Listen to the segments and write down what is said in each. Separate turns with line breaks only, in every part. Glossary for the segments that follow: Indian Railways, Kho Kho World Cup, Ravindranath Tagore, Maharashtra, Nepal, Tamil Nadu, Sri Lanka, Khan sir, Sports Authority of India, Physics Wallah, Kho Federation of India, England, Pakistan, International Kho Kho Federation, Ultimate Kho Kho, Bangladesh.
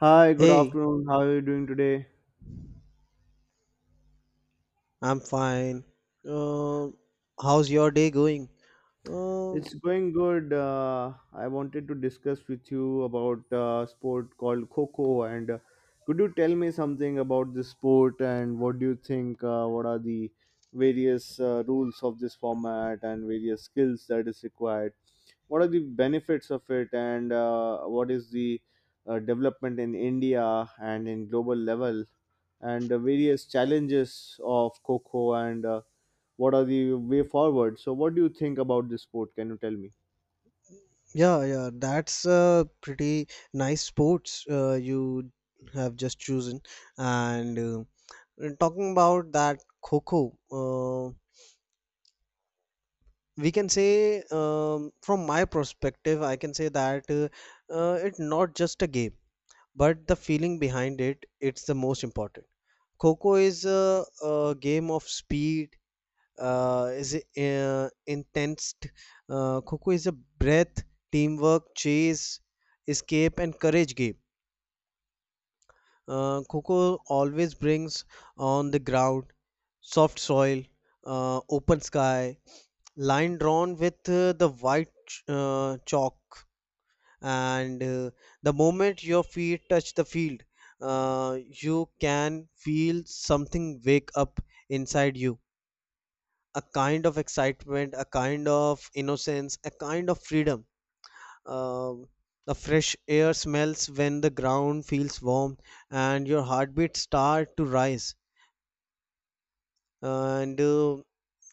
Hi, good
Hey,
afternoon. How are you doing today?
I'm fine. Um, How's your day going? Um,
It's going good. I wanted to discuss with you about sport called Coco. And could you tell me something about this sport and what do you think? What are the various rules of this format and various skills that is required? What are the benefits of it and what is the development in India and in global level and the various challenges of Coco and what are the way forward? So what do you think about this sport? Can you tell me?
yeah, yeah, that's a pretty nice sports you have just chosen. And talking about that Coco, we can say, from my perspective, I can say that it's not just a game, but the feeling behind it, it's the most important. Coco is a game of speed, is intense. Coco is a breath, teamwork, chase, escape, and courage game. Coco always brings on the ground, soft soil, open sky, line drawn with the white chalk, and the moment your feet touch the field, you can feel something wake up inside you. A kind of excitement, a kind of innocence, a kind of freedom. Um the fresh air smells when the ground feels warm and your heartbeats start to rise. And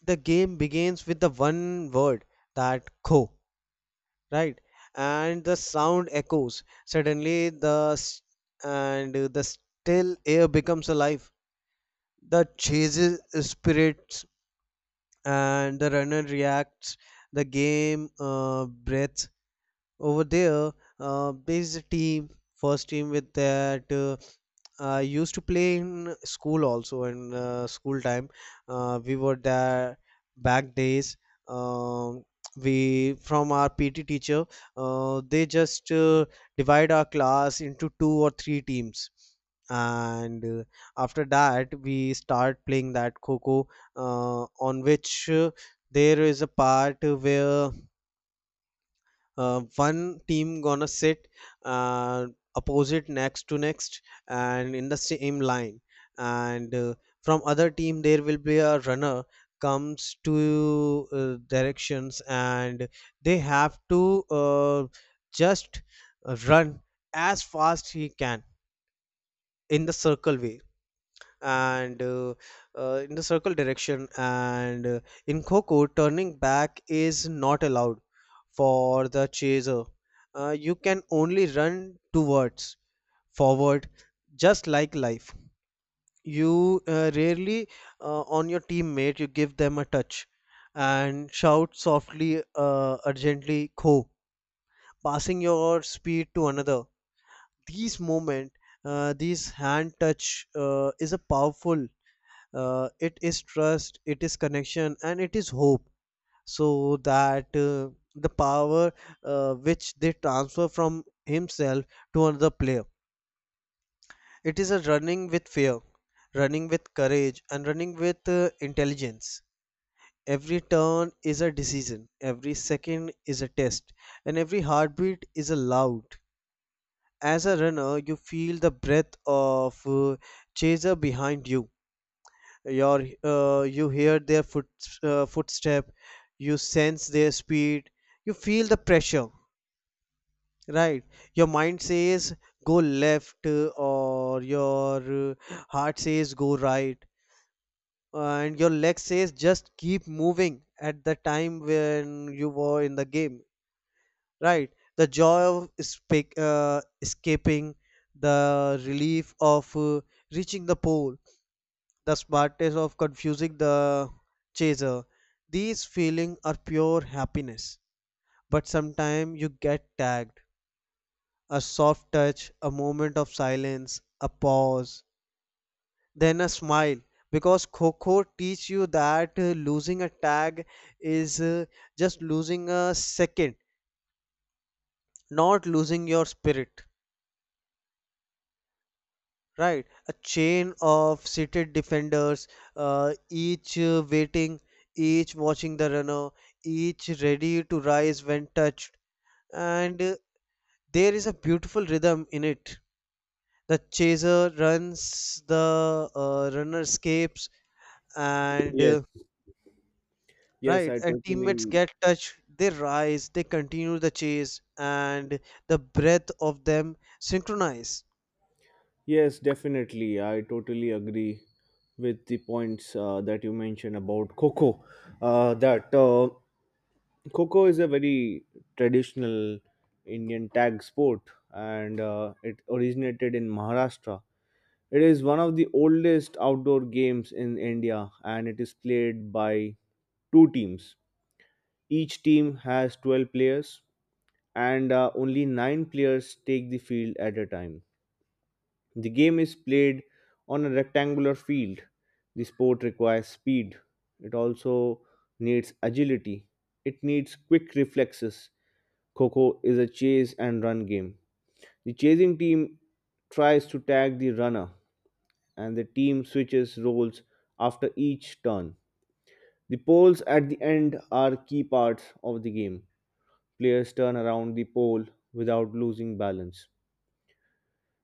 the game begins with the one word, that "ko," right? And the sound echoes. Suddenly, the s- and the still air becomes alive. The chases spirits and the runner reacts, the game breath over there. There is a team, first team with that, I used to play in school also in school time. We were there back days. um, we, from our PT teacher, they just divide our class into two or three teams, and after that we start playing that coco, on which, there is a part where one team gonna sit, uh, opposite, next to next, and in the same line. And from other team there will be a runner comes to directions, and they have to just run as fast he can in the circle way, and in the circle direction. And in Coco, turning back is not allowed for the chaser. You can only run towards forward, just like life. You rarely, on your teammate, you give them a touch and shout softly, urgently, Kho, passing your speed to another. These moment, these hand touch is a powerful, it is trust, it is connection, and it is hope. So that the power, which they transfer from himself to another player, it is a running with fear, running with courage, and running with intelligence. Every turn is a decision, every second is a test, and every heartbeat is a loud. As a runner, you feel the breath of chaser behind you. Your you hear their footstep, you sense their speed, you feel the pressure, right? Your mind says go left, or your uh, heart says go right, and your leg says just keep moving, at the time when you were in the game, right? The joy of escaping, the relief of reaching the pole, the smartest of confusing the chaser. These feelings are pure happiness. But sometimes you get tagged. A soft touch, a moment of silence, a pause, then a smile. Because Coco teach you that losing a tag is, just losing a second, not losing your spirit. Right, a chain of seated defenders, each waiting, each watching the runner, each ready to rise when touched. And there is a beautiful rhythm in it. The chaser runs, the runner escapes, and
Yes. Yes,
right,
I
and teammates
totally.
get touched. They rise, they continue the chase, and the breath of them synchronize.
Yes, definitely, I totally agree with the points that you mentioned about Coco, that Coco is a very traditional Indian tag sport, and it originated in Maharashtra. It is one of the oldest outdoor games in India, and it is played by two teams. Each team has 12 players, and only nine players take the field at a time. The game is played on a rectangular field. The sport requires speed, it also needs agility, it needs quick reflexes. Coco is a chase and run game. The chasing team tries to tag the runner, and the team switches roles after each turn. The poles at the end are key parts of the game. Players turn around the pole without losing balance.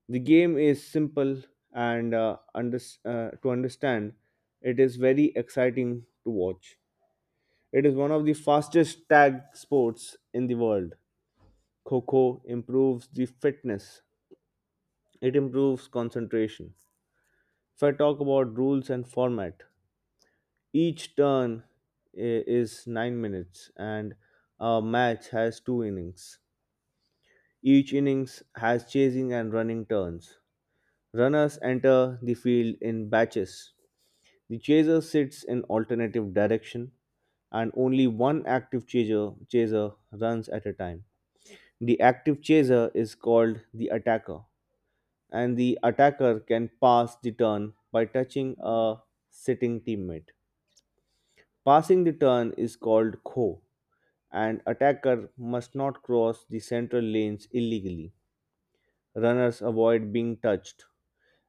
The game is simple and to understand. It is very exciting to watch. It is one of the fastest tag sports in the world. Coco improves the fitness, it improves concentration. If I talk about rules and format, each turn is 9 minutes, and a match has two innings. Each innings has chasing and running turns. Runners enter the field in batches. The chaser sits in alternative direction, and only one active chaser runs at a time. The active chaser is called the attacker, and the attacker can pass the turn by touching a sitting teammate. Passing the turn is called kho, and attacker must not cross the central lanes illegally. Runners avoid being touched,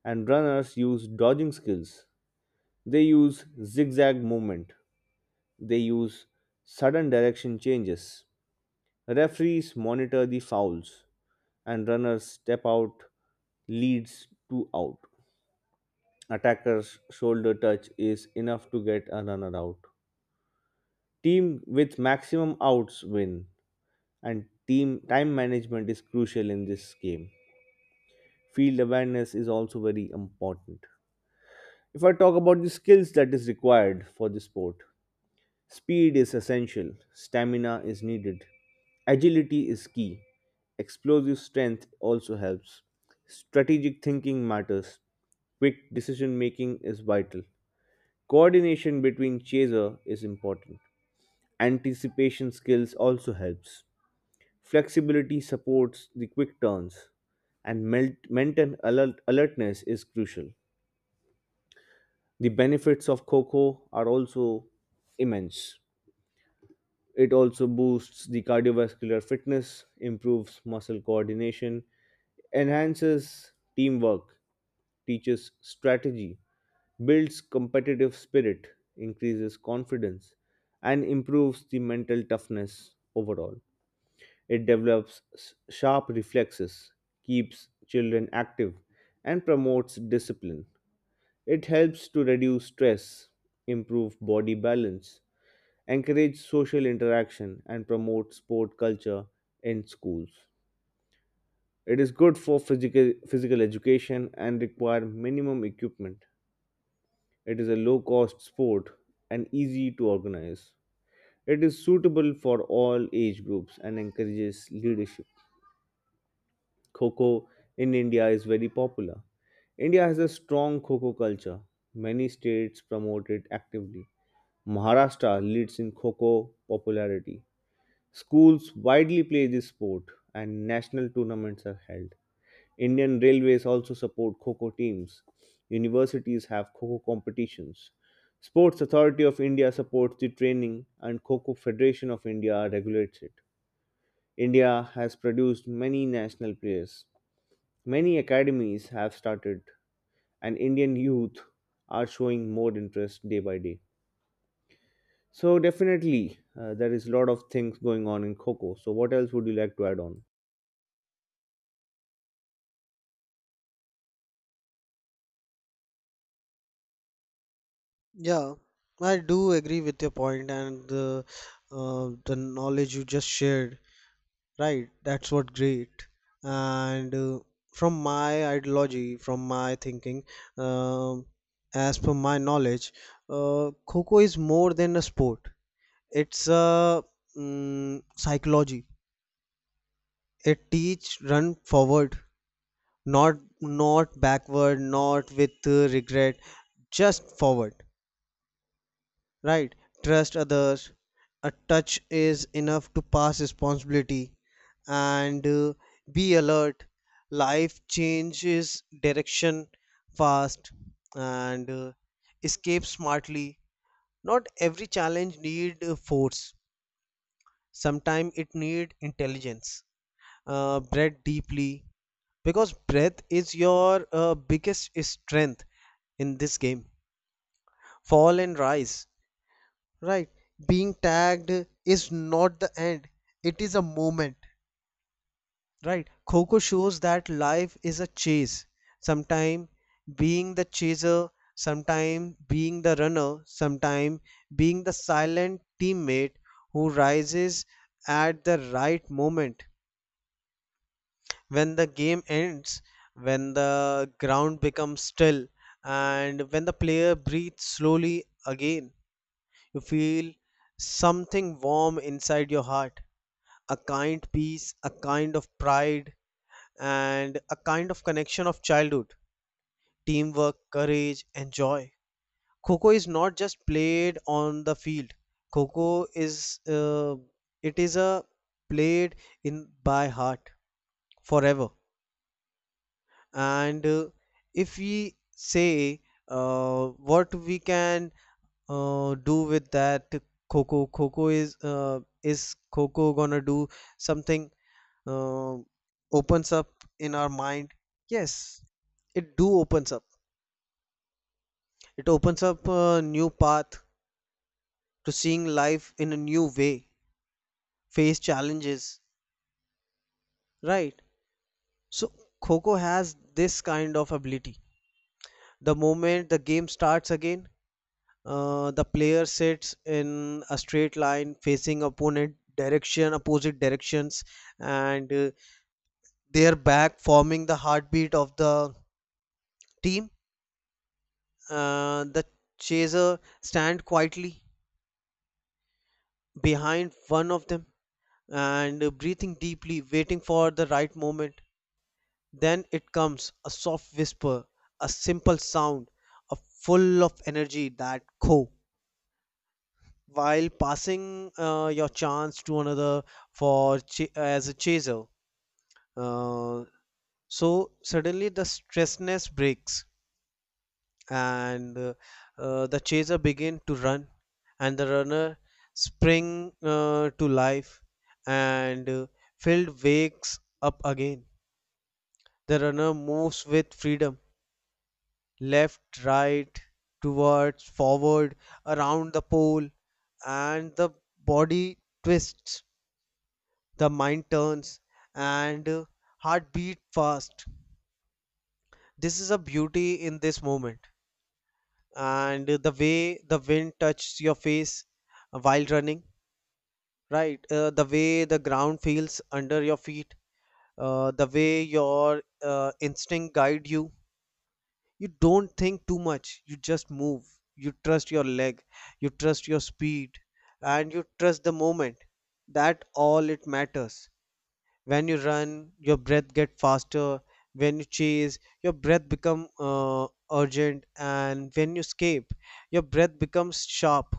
and runners use dodging skills. They use zigzag movement. They use sudden direction changes. Referees monitor the fouls, and runners step out leads to out. Attacker's shoulder touch is enough to get a runner out. Team with maximum outs win, and team time management is crucial in this game. Field awareness is also very important. If I talk about the skills that is required for the sport, speed is essential, stamina is needed, agility is key, explosive strength also helps. Strategic thinking matters, quick decision making is vital. Coordination between chaser is important. Anticipation skills also helps. Flexibility supports the quick turns, and maintain alertness is crucial. The benefits of Coco are also immense. It also boosts the cardiovascular fitness, improves muscle coordination, enhances teamwork, teaches strategy, builds competitive spirit, increases confidence, and improves the mental toughness overall. It develops sharp reflexes, keeps children active, and promotes discipline. It helps to reduce stress, improve body balance, encourage social interaction, and promote sport culture in schools. It is good for physical education and require minimum equipment. It is a low cost sport and easy to organize. It is suitable for all age groups and encourages leadership. Kho in India is very popular. India has a strong Kho culture. Many states promote it actively. Maharashtra leads in Kho popularity. Schools widely play this sport, and national tournaments are held. Indian Railways also support Kho teams. Universities have Kho competitions. Sports Authority of India supports the training, and Kho Federation of India regulates it. India has produced many national players. Many academies have started, and Indian youth are showing more interest day by day. So definitely there is a lot of things going on in Kho. So what else would you like to add on?
Yeah, I do agree with your point and the knowledge you just shared. Right, that's what great. And from my ideology, from my thinking, um, as per my knowledge, Coco is more than a sport. It's a psychology. It teach run forward, not not backward, not with regret, just forward, right. Trust others, a touch is enough to pass responsibility, and be alert, life changes direction fast. And escape smartly, not every challenge need force, sometimes it need intelligence. Breathe deeply, because breath is your biggest strength in this game. Fall and rise, right? Being tagged is not the end, it is a moment. Right, coco shows that life is a chase, sometime being the chaser, sometime being the runner, sometime being the silent teammate who rises at the right moment. When the game ends, when the ground becomes still, and when the player breathes slowly again, you feel something warm inside your heart, a kind peace, a kind of pride, and a kind of connection of childhood, teamwork, courage, and joy. Coco is not just played on the field. Coco is, it is a played in by heart forever. And if we say what we can do with that Coco? Coco is, is Coco gonna do something? Uh, Opens up in our mind. Yes, it do opens up. It opens up a new path to seeing life in a new way, face challenges. Right. So Coco has this kind of ability. The moment the game starts again, the player sits in a straight line facing opponent direction, opposite directions, and their back forming the heartbeat of the team. The chaser stand quietly behind one of them, and breathing deeply, waiting for the right moment. Then it comes a soft whisper, a simple sound, a full of energy, that co. While passing your chance to another, as a chaser, uh, so suddenly the stressness breaks, and the chaser begin to run, and the runner spring to life, and field wakes up again. The runner moves with freedom, left, right, towards forward, around the pole, and the body twists, the mind turns, and heart beat fast. This is a beauty in this moment, and the way the wind touches your face while running, right. The way the ground feels under your feet, the way your instinct guide you, you don't think too much, you just move. You trust your leg, you trust your speed, and you trust the moment, that all it matters. When you run your breath get faster, when you chase your breath become urgent, and when you escape your breath becomes sharp,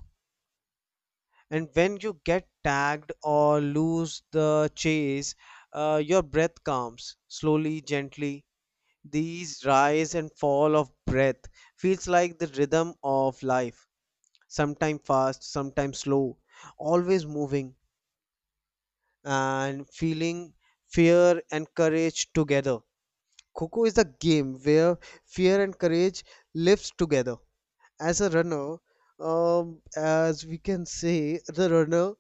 and when you get tagged or lose the chase, your breath calms slowly, gently. These rise and fall of breath feels like the rhythm of life. Sometimes fast, sometimes slow, always moving, and feeling fear and courage together. Coco is the game where fear and courage lives together. As a runner, as we can say, the runner,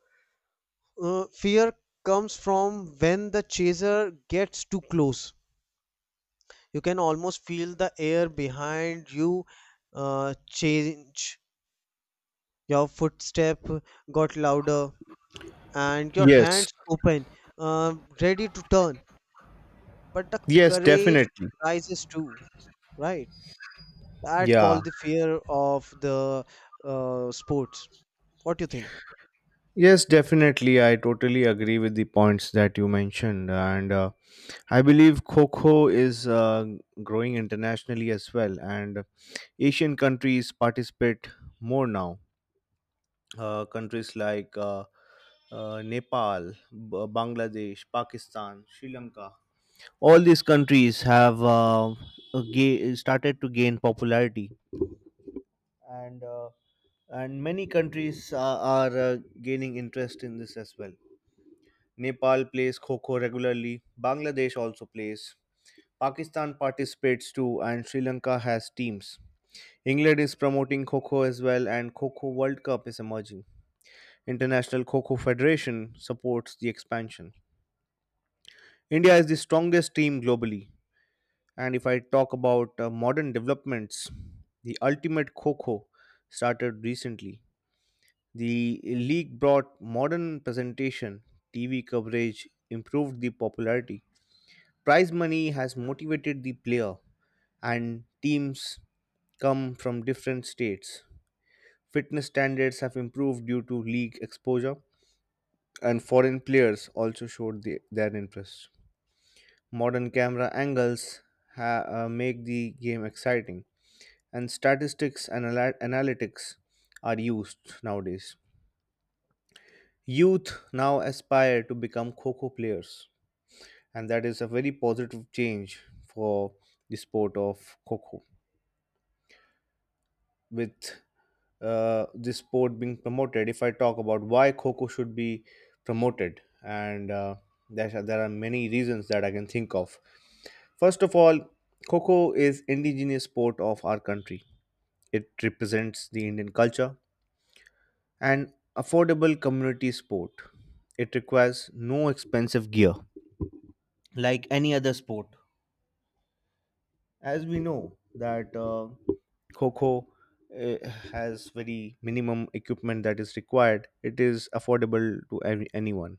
fear comes from when the chaser gets too close. You can almost feel the air behind you change. Your footstep got louder, and your
Yes,
hands open, ready to turn. But the
yes,
courage
definitely.
rises too, right? That
Yeah,
called the fear of the sports. What do you think?
yes, definitely, I totally agree with the points that you mentioned, and I believe Coco is growing internationally as well, and Asian countries participate more now. Countries like Nepal, Bangladesh, Pakistan, Sri Lanka. All these countries have started to gain popularity, and and many countries are gaining interest in this as well. Nepal plays Kho Kho regularly. Bangladesh also plays. Pakistan participates too, and Sri Lanka has teams. England is promoting Kho Kho as well, and Kho Kho World Cup is emerging. International Kho Kho Federation supports the expansion. India is the strongest team globally, and if I talk about modern developments, the Ultimate Kho Kho started recently. The league brought modern presentation, TV coverage, improved the popularity. Prize money has motivated the player, and teams come from different states. Fitness standards have improved due to league exposure, and foreign players also showed their interest. Modern camera angles make the game exciting, and statistics and analytics are used nowadays. Youth now aspire to become Kho players, and that is a very positive change for the sport of Kho. With this sport being promoted, if I talk about why Kho should be promoted, and there are many reasons that I can think of. First of all, Kho is indigenous sport of our country. It represents the Indian culture and affordable community sport. It requires no expensive gear like any other sport, as we know that Kho uh, has very minimum equipment that is required. It is affordable to anyone.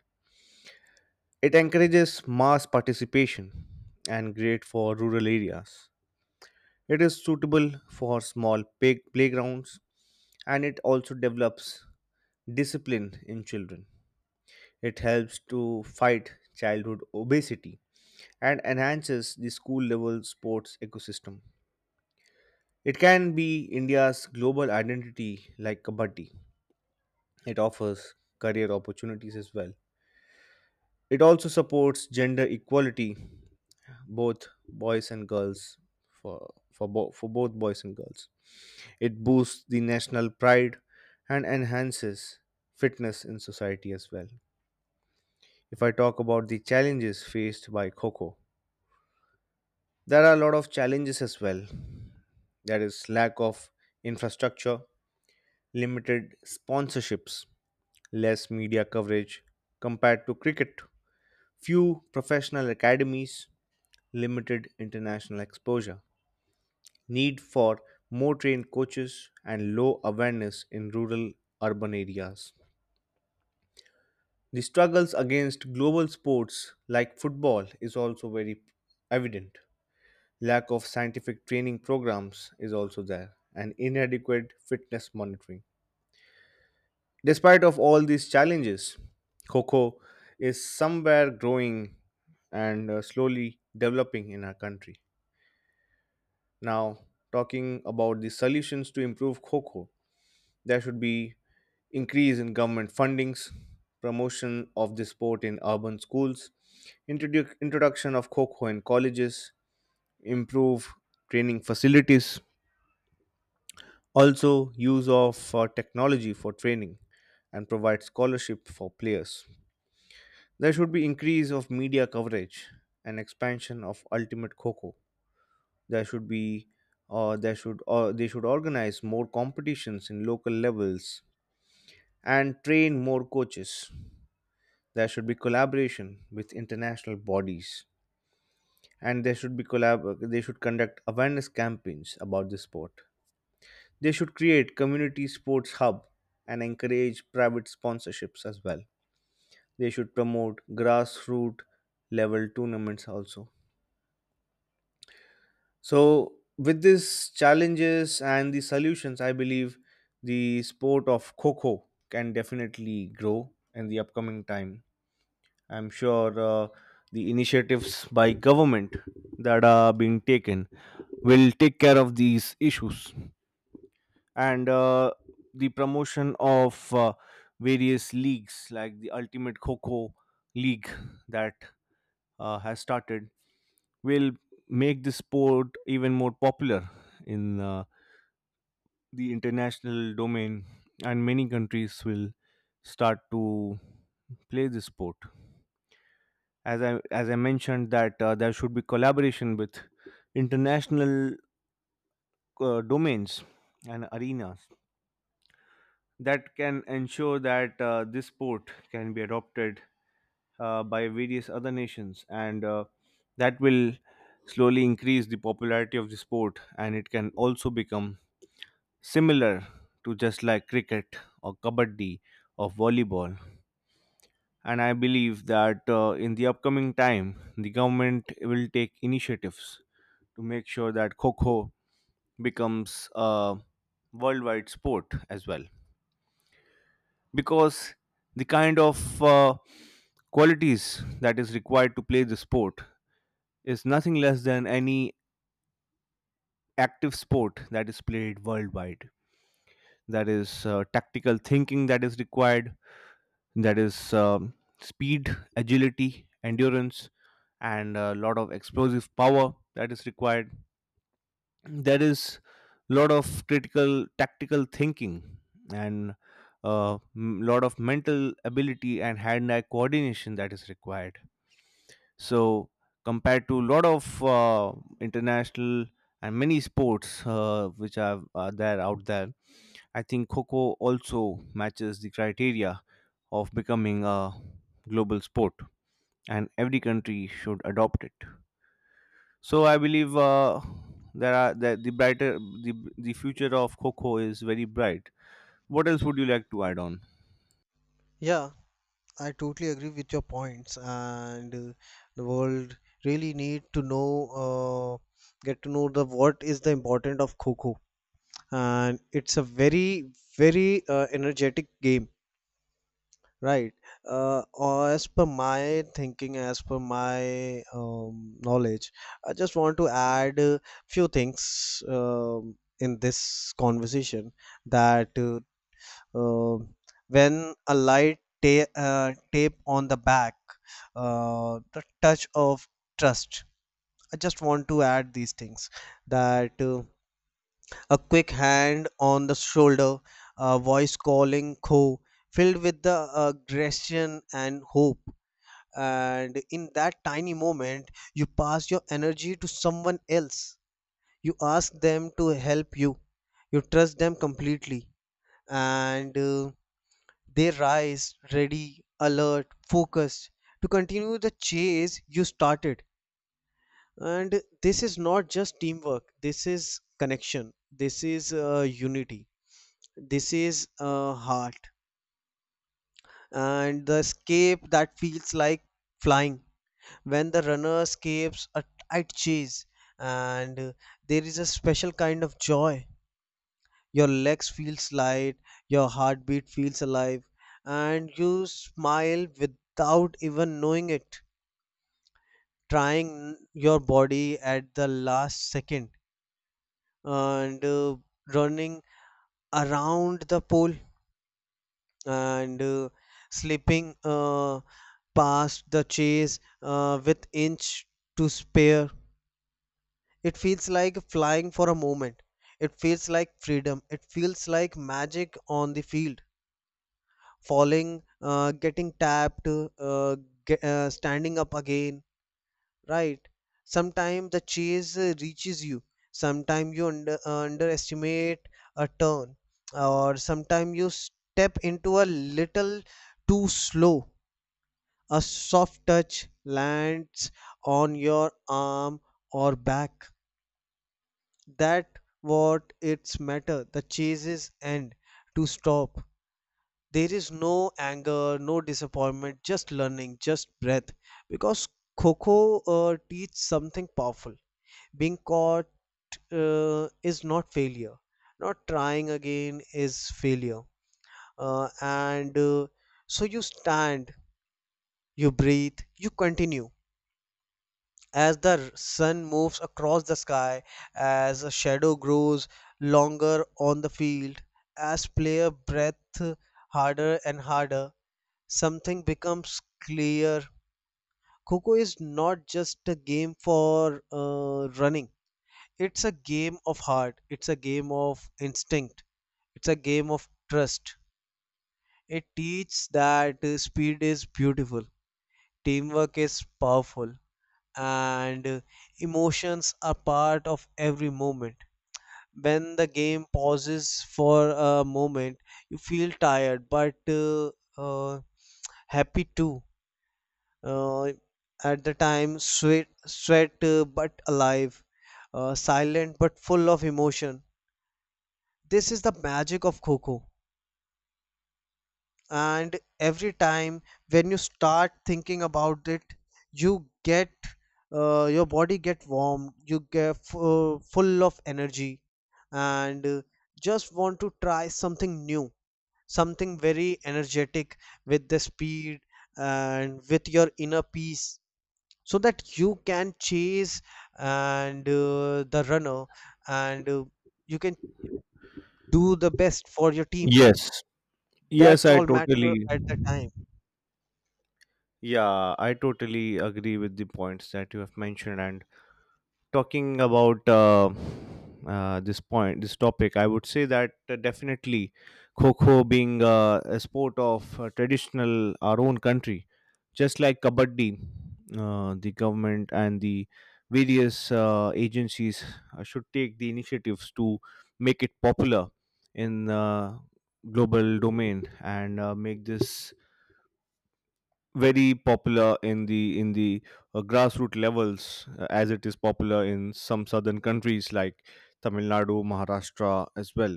It encourages mass participation and great for rural areas. It is suitable for small playgrounds, and it also develops discipline in children. It helps to fight childhood obesity and enhances the school level sports ecosystem. It can be India's global identity like Kabaddi. It offers career opportunities as well. It also supports gender equality, both boys and girls, for both boys and girls. It boosts the national pride and enhances fitness in society as well. If I talk about the challenges faced by Coco, there are a lot of challenges as well. There is lack of infrastructure, limited sponsorships, less media coverage compared to cricket, few professional academies, limited international exposure, need for more trained coaches, and low awareness in rural urban areas. The struggles against global sports like football is also very evident. Lack of scientific training programs is also there, and inadequate fitness monitoring. Despite of all these challenges, cocoa is somewhere growing and slowly developing in our country. Now, talking about the solutions to improve cocoa, there should be increase in government fundings, promotion of the sport in urban schools, introduction of cocoa in colleges, improve training facilities, also use of technology for training, and provide scholarship for players. There should be increase of media coverage and expansion of Ultimate Coco. There should be there should They should organize more competitions in local levels and train more coaches. There should be collaboration with international bodies, and there should be collab- they should conduct awareness campaigns about the sport. They should create community sports hub and encourage private sponsorships as well. They should promote grassroots level tournaments also. So, with these challenges and the solutions, I believe the sport of Coco can definitely grow in the upcoming time. I'm sure the initiatives by government that are being taken will take care of these issues, and the promotion of various leagues like the ultimate coco league that has started will make the sport even more popular in the international domain, and many countries will start to play this sport. As I as I mentioned that there should be collaboration with international domains and arenas that can ensure that this sport can be adopted by various other nations, and that will slowly increase the popularity of the sport, and it can also become similar to just like cricket or kabaddi or volleyball. And I believe that in the upcoming time, the government will take initiatives to make sure that Kho becomes a worldwide sport as well. Because the kind of qualities that is required to play the sport is nothing less than any active sport that is played worldwide. That is tactical thinking that is required, that is speed, agility, endurance, and a lot of explosive power that is required. There is a lot of critical tactical thinking and a lot of mental ability and hand-eye coordination that is required. So compared to a lot of international and many sports which are there out there, I think Coco also matches the criteria of becoming a global sport, and every country should adopt it. So I believe there are that the brighter the future of Coco is very bright. What else would you like to add on?
Yeah, I totally agree with your points, and the world really need to know, get to know the what is the importance of Kho Kho, and it's a very energetic game. Right. Or as per my thinking, as per my knowledge, I just want to add a few things in this conversation, that uh, when a light tape on the back, the touch of trust. I just want to add these things that, a quick hand on the shoulder, a voice calling Kho, filled with the aggression and hope. And in that tiny moment, you pass your energy to someone else. You ask them to help you. You trust them completely. And they rise, ready, alert, focused to continue the chase you started. And this is not just teamwork, this is connection, this is unity. This is heart. And the escape that feels like flying, when the runner escapes a tight chase, and there is a special kind of joy, your legs feels light, your heartbeat feels alive, and you smile without even knowing it, trying your body at the last second, and running around the pole, and slipping past the chase with inch to spare. It feels like flying for a moment. It feels like freedom. It feels like magic on the field. Falling, getting tapped, standing up again. Right. Sometimes the chase reaches you. Sometimes you underestimate a turn, or sometimes you step into a little too slow. A soft touch lands on your arm or back. That what it's matter. The chases end to stop. There is no anger, no disappointment, just learning, just breath. Because Coco teach something powerful. Being caught is not failure. Not trying again is failure. And so you stand, you breathe, you continue. As the sun moves across the sky, as a shadow grows longer on the field, as player breathe harder and harder, something becomes clear. Coco is not just a game for running, it's a game of heart, it's a game of instinct, it's a game of trust. It teaches that speed is beautiful, teamwork is powerful, and emotions are part of every moment. When the game pauses for a moment, you feel tired but uh, happy too. Uh, at the time, sweat but alive, silent but full of emotion. This is the magic of Coco. And every time when you start thinking about it, you get, your body get warm, you get full of energy, and just want to try something new, something very energetic, with the speed and with your inner peace, so that you can chase, and the runner, and you can do the best for your team,
Yes, yes,
that's
I
all matter
totally.
at the time.
Yeah, I totally agree with the points that you have mentioned, and talking about this topic, I would say that definitely Kho being a sport of traditional our own country, just like Kabaddi, the government and the various agencies should take the initiatives to make it popular in global domain, and make this very popular in the grassroots levels, as it is popular in some southern countries like Tamil Nadu, Maharashtra as well.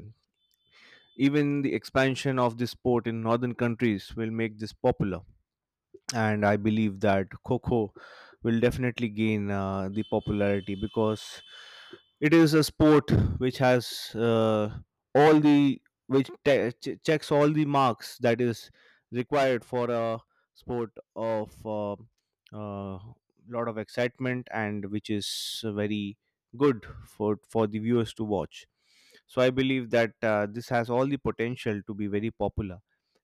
Even the expansion of this sport in northern countries will make this popular, and I believe that Coco will definitely gain the popularity because it is a sport which has all the which checks all the marks that is required for a sport of a uh, uh, lot of excitement and which is very good for the viewers to watch. So I believe that this has all the potential to be very popular,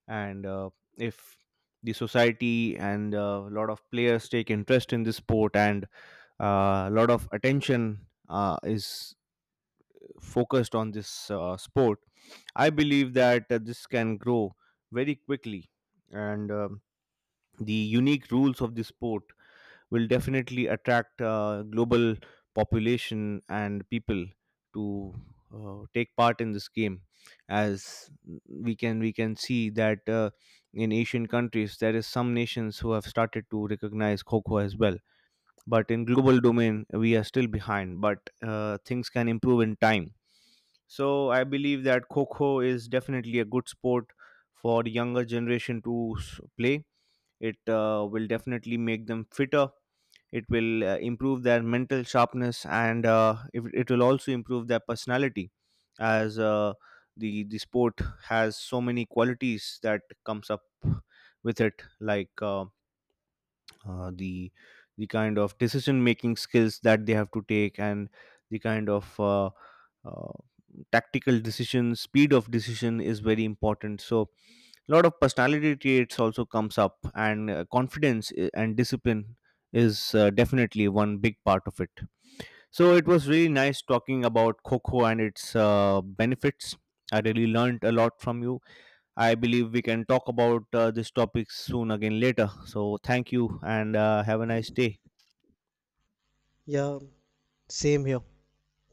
and if the society and a lot of players take interest in this sport, and a lot of attention is focused on this sport, I believe that this can grow very quickly, and the unique rules of the sport will definitely attract global population and people to take part in this game. As we can see that in Asian countries there is some nations who have started to recognize Kho as well, but in global domain we are still behind, but things can improve in time. So I believe that Kho is definitely a good sport for the younger generation to play. It will definitely make them fitter. It will improve their mental sharpness, and if, it will also improve their personality, as the sport has so many qualities that comes up with it, like uh, the the kind of decision making skills that they have to take, and the kind of uh, tactical decision, speed of decision is very important. So a lot of personality traits also comes up, and confidence and discipline is definitely one big part of it. So it was really nice talking about Coco and its benefits. I really learned a lot from you. I believe we can talk about this topic soon again later. So thank you, and have a nice day.
Yeah, same here.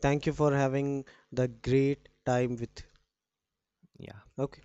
Thank you for having the great time with.
Yeah.
Okay.